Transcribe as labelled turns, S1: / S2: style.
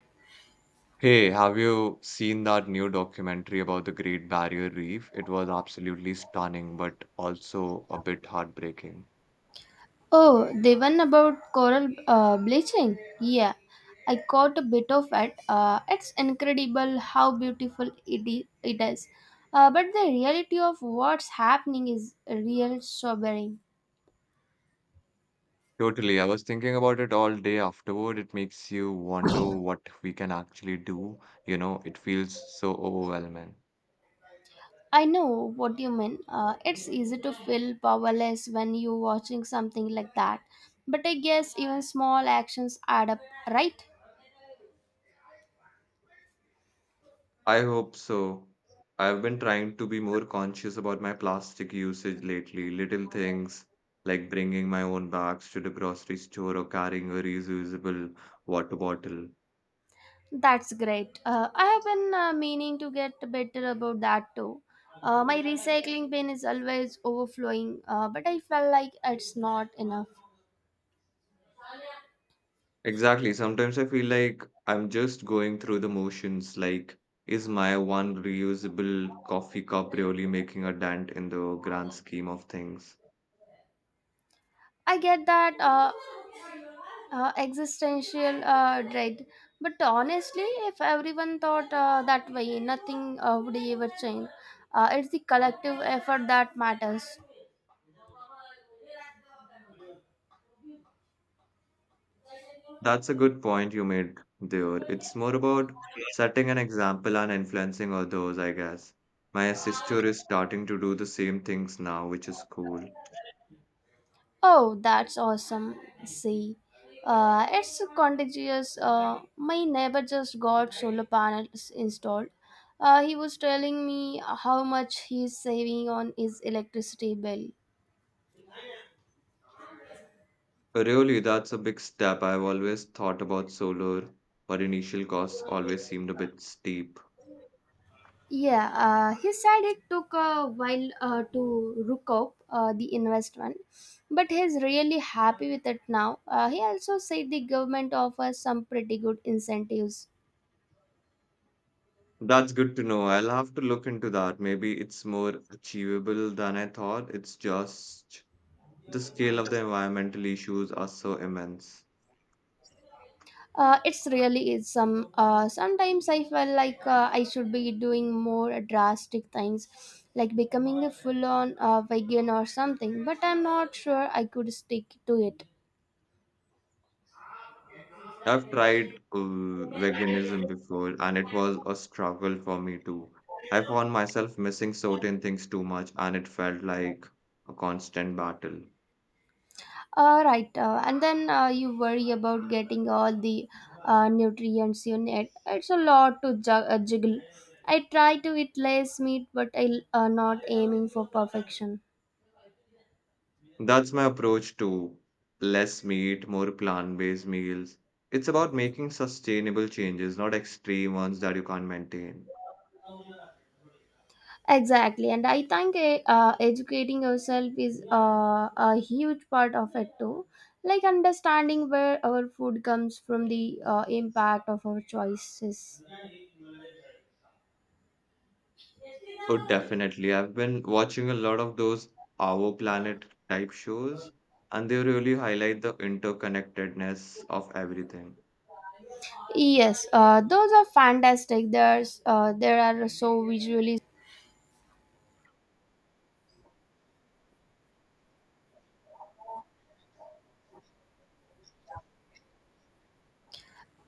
S1: Hey, have you seen that new documentary about the Great Barrier Reef? It was absolutely stunning, but also a bit heartbreaking.
S2: Oh, the one about coral bleaching? Yeah, I caught a bit of it. It's incredible how beautiful it is. But the reality of what's happening is real sobering.
S1: Totally. I was thinking about it all day afterward. It makes you wonder what we can actually do. It feels so overwhelming.
S2: I know what you mean. It's easy to feel powerless when you're watching something like that. But I guess even small actions add up, right?
S1: I hope so. I've been trying to be more conscious about my plastic usage lately. Little things like bringing my own bags to the grocery store or carrying a reusable water bottle.
S2: That's great. I have been meaning to get better about that too. My recycling bin is always overflowing, but I felt like it's not enough.
S1: Exactly. Sometimes I feel like I'm just going through the motions. Like, is my one reusable coffee cup really making a dent in the grand scheme of things?
S2: I get that existential dread, but honestly, if everyone thought that way, nothing would ever change. It's the collective effort that matters.
S1: That's a good point you made there. It's more about setting an example and influencing others, I guess. My sister is starting to do the same things now, which is cool.
S2: Oh, that's awesome. See, it's contagious. My neighbor just got solar panels installed. He was telling me how much he's saving on his electricity bill.
S1: Really, that's a big step. I've always thought about solar, but initial costs always seemed a bit steep.
S2: Yeah, he said it took a while to recoup the investment, but he's really happy with it now. He also said the government offers some pretty good incentives.
S1: That's good to know. I'll have to look into that. Maybe it's more achievable than I thought. It's just the scale of the environmental issues are so immense.
S2: It's really is some. Sometimes I felt like I should be doing more drastic things, like becoming a full-on vegan or something. But I'm not sure I could stick to it.
S1: I've tried veganism before, and it was a struggle for me too. I found myself missing certain things too much, and it felt like a constant battle.
S2: All right, and then you worry about getting all the nutrients you need. It's a lot to juggle. I try to eat less meat, but I'm not aiming for perfection.
S1: That's my approach to less meat, more plant-based meals. It's about making sustainable changes, not extreme ones that you can't maintain.
S2: Exactly, and I think educating yourself is a huge part of it too. Like understanding where our food comes from, the impact of our choices.
S1: Oh, definitely. I've been watching a lot of those Our Planet type shows, and they really highlight the interconnectedness of everything.
S2: Yes, those are fantastic. There's there are so visually.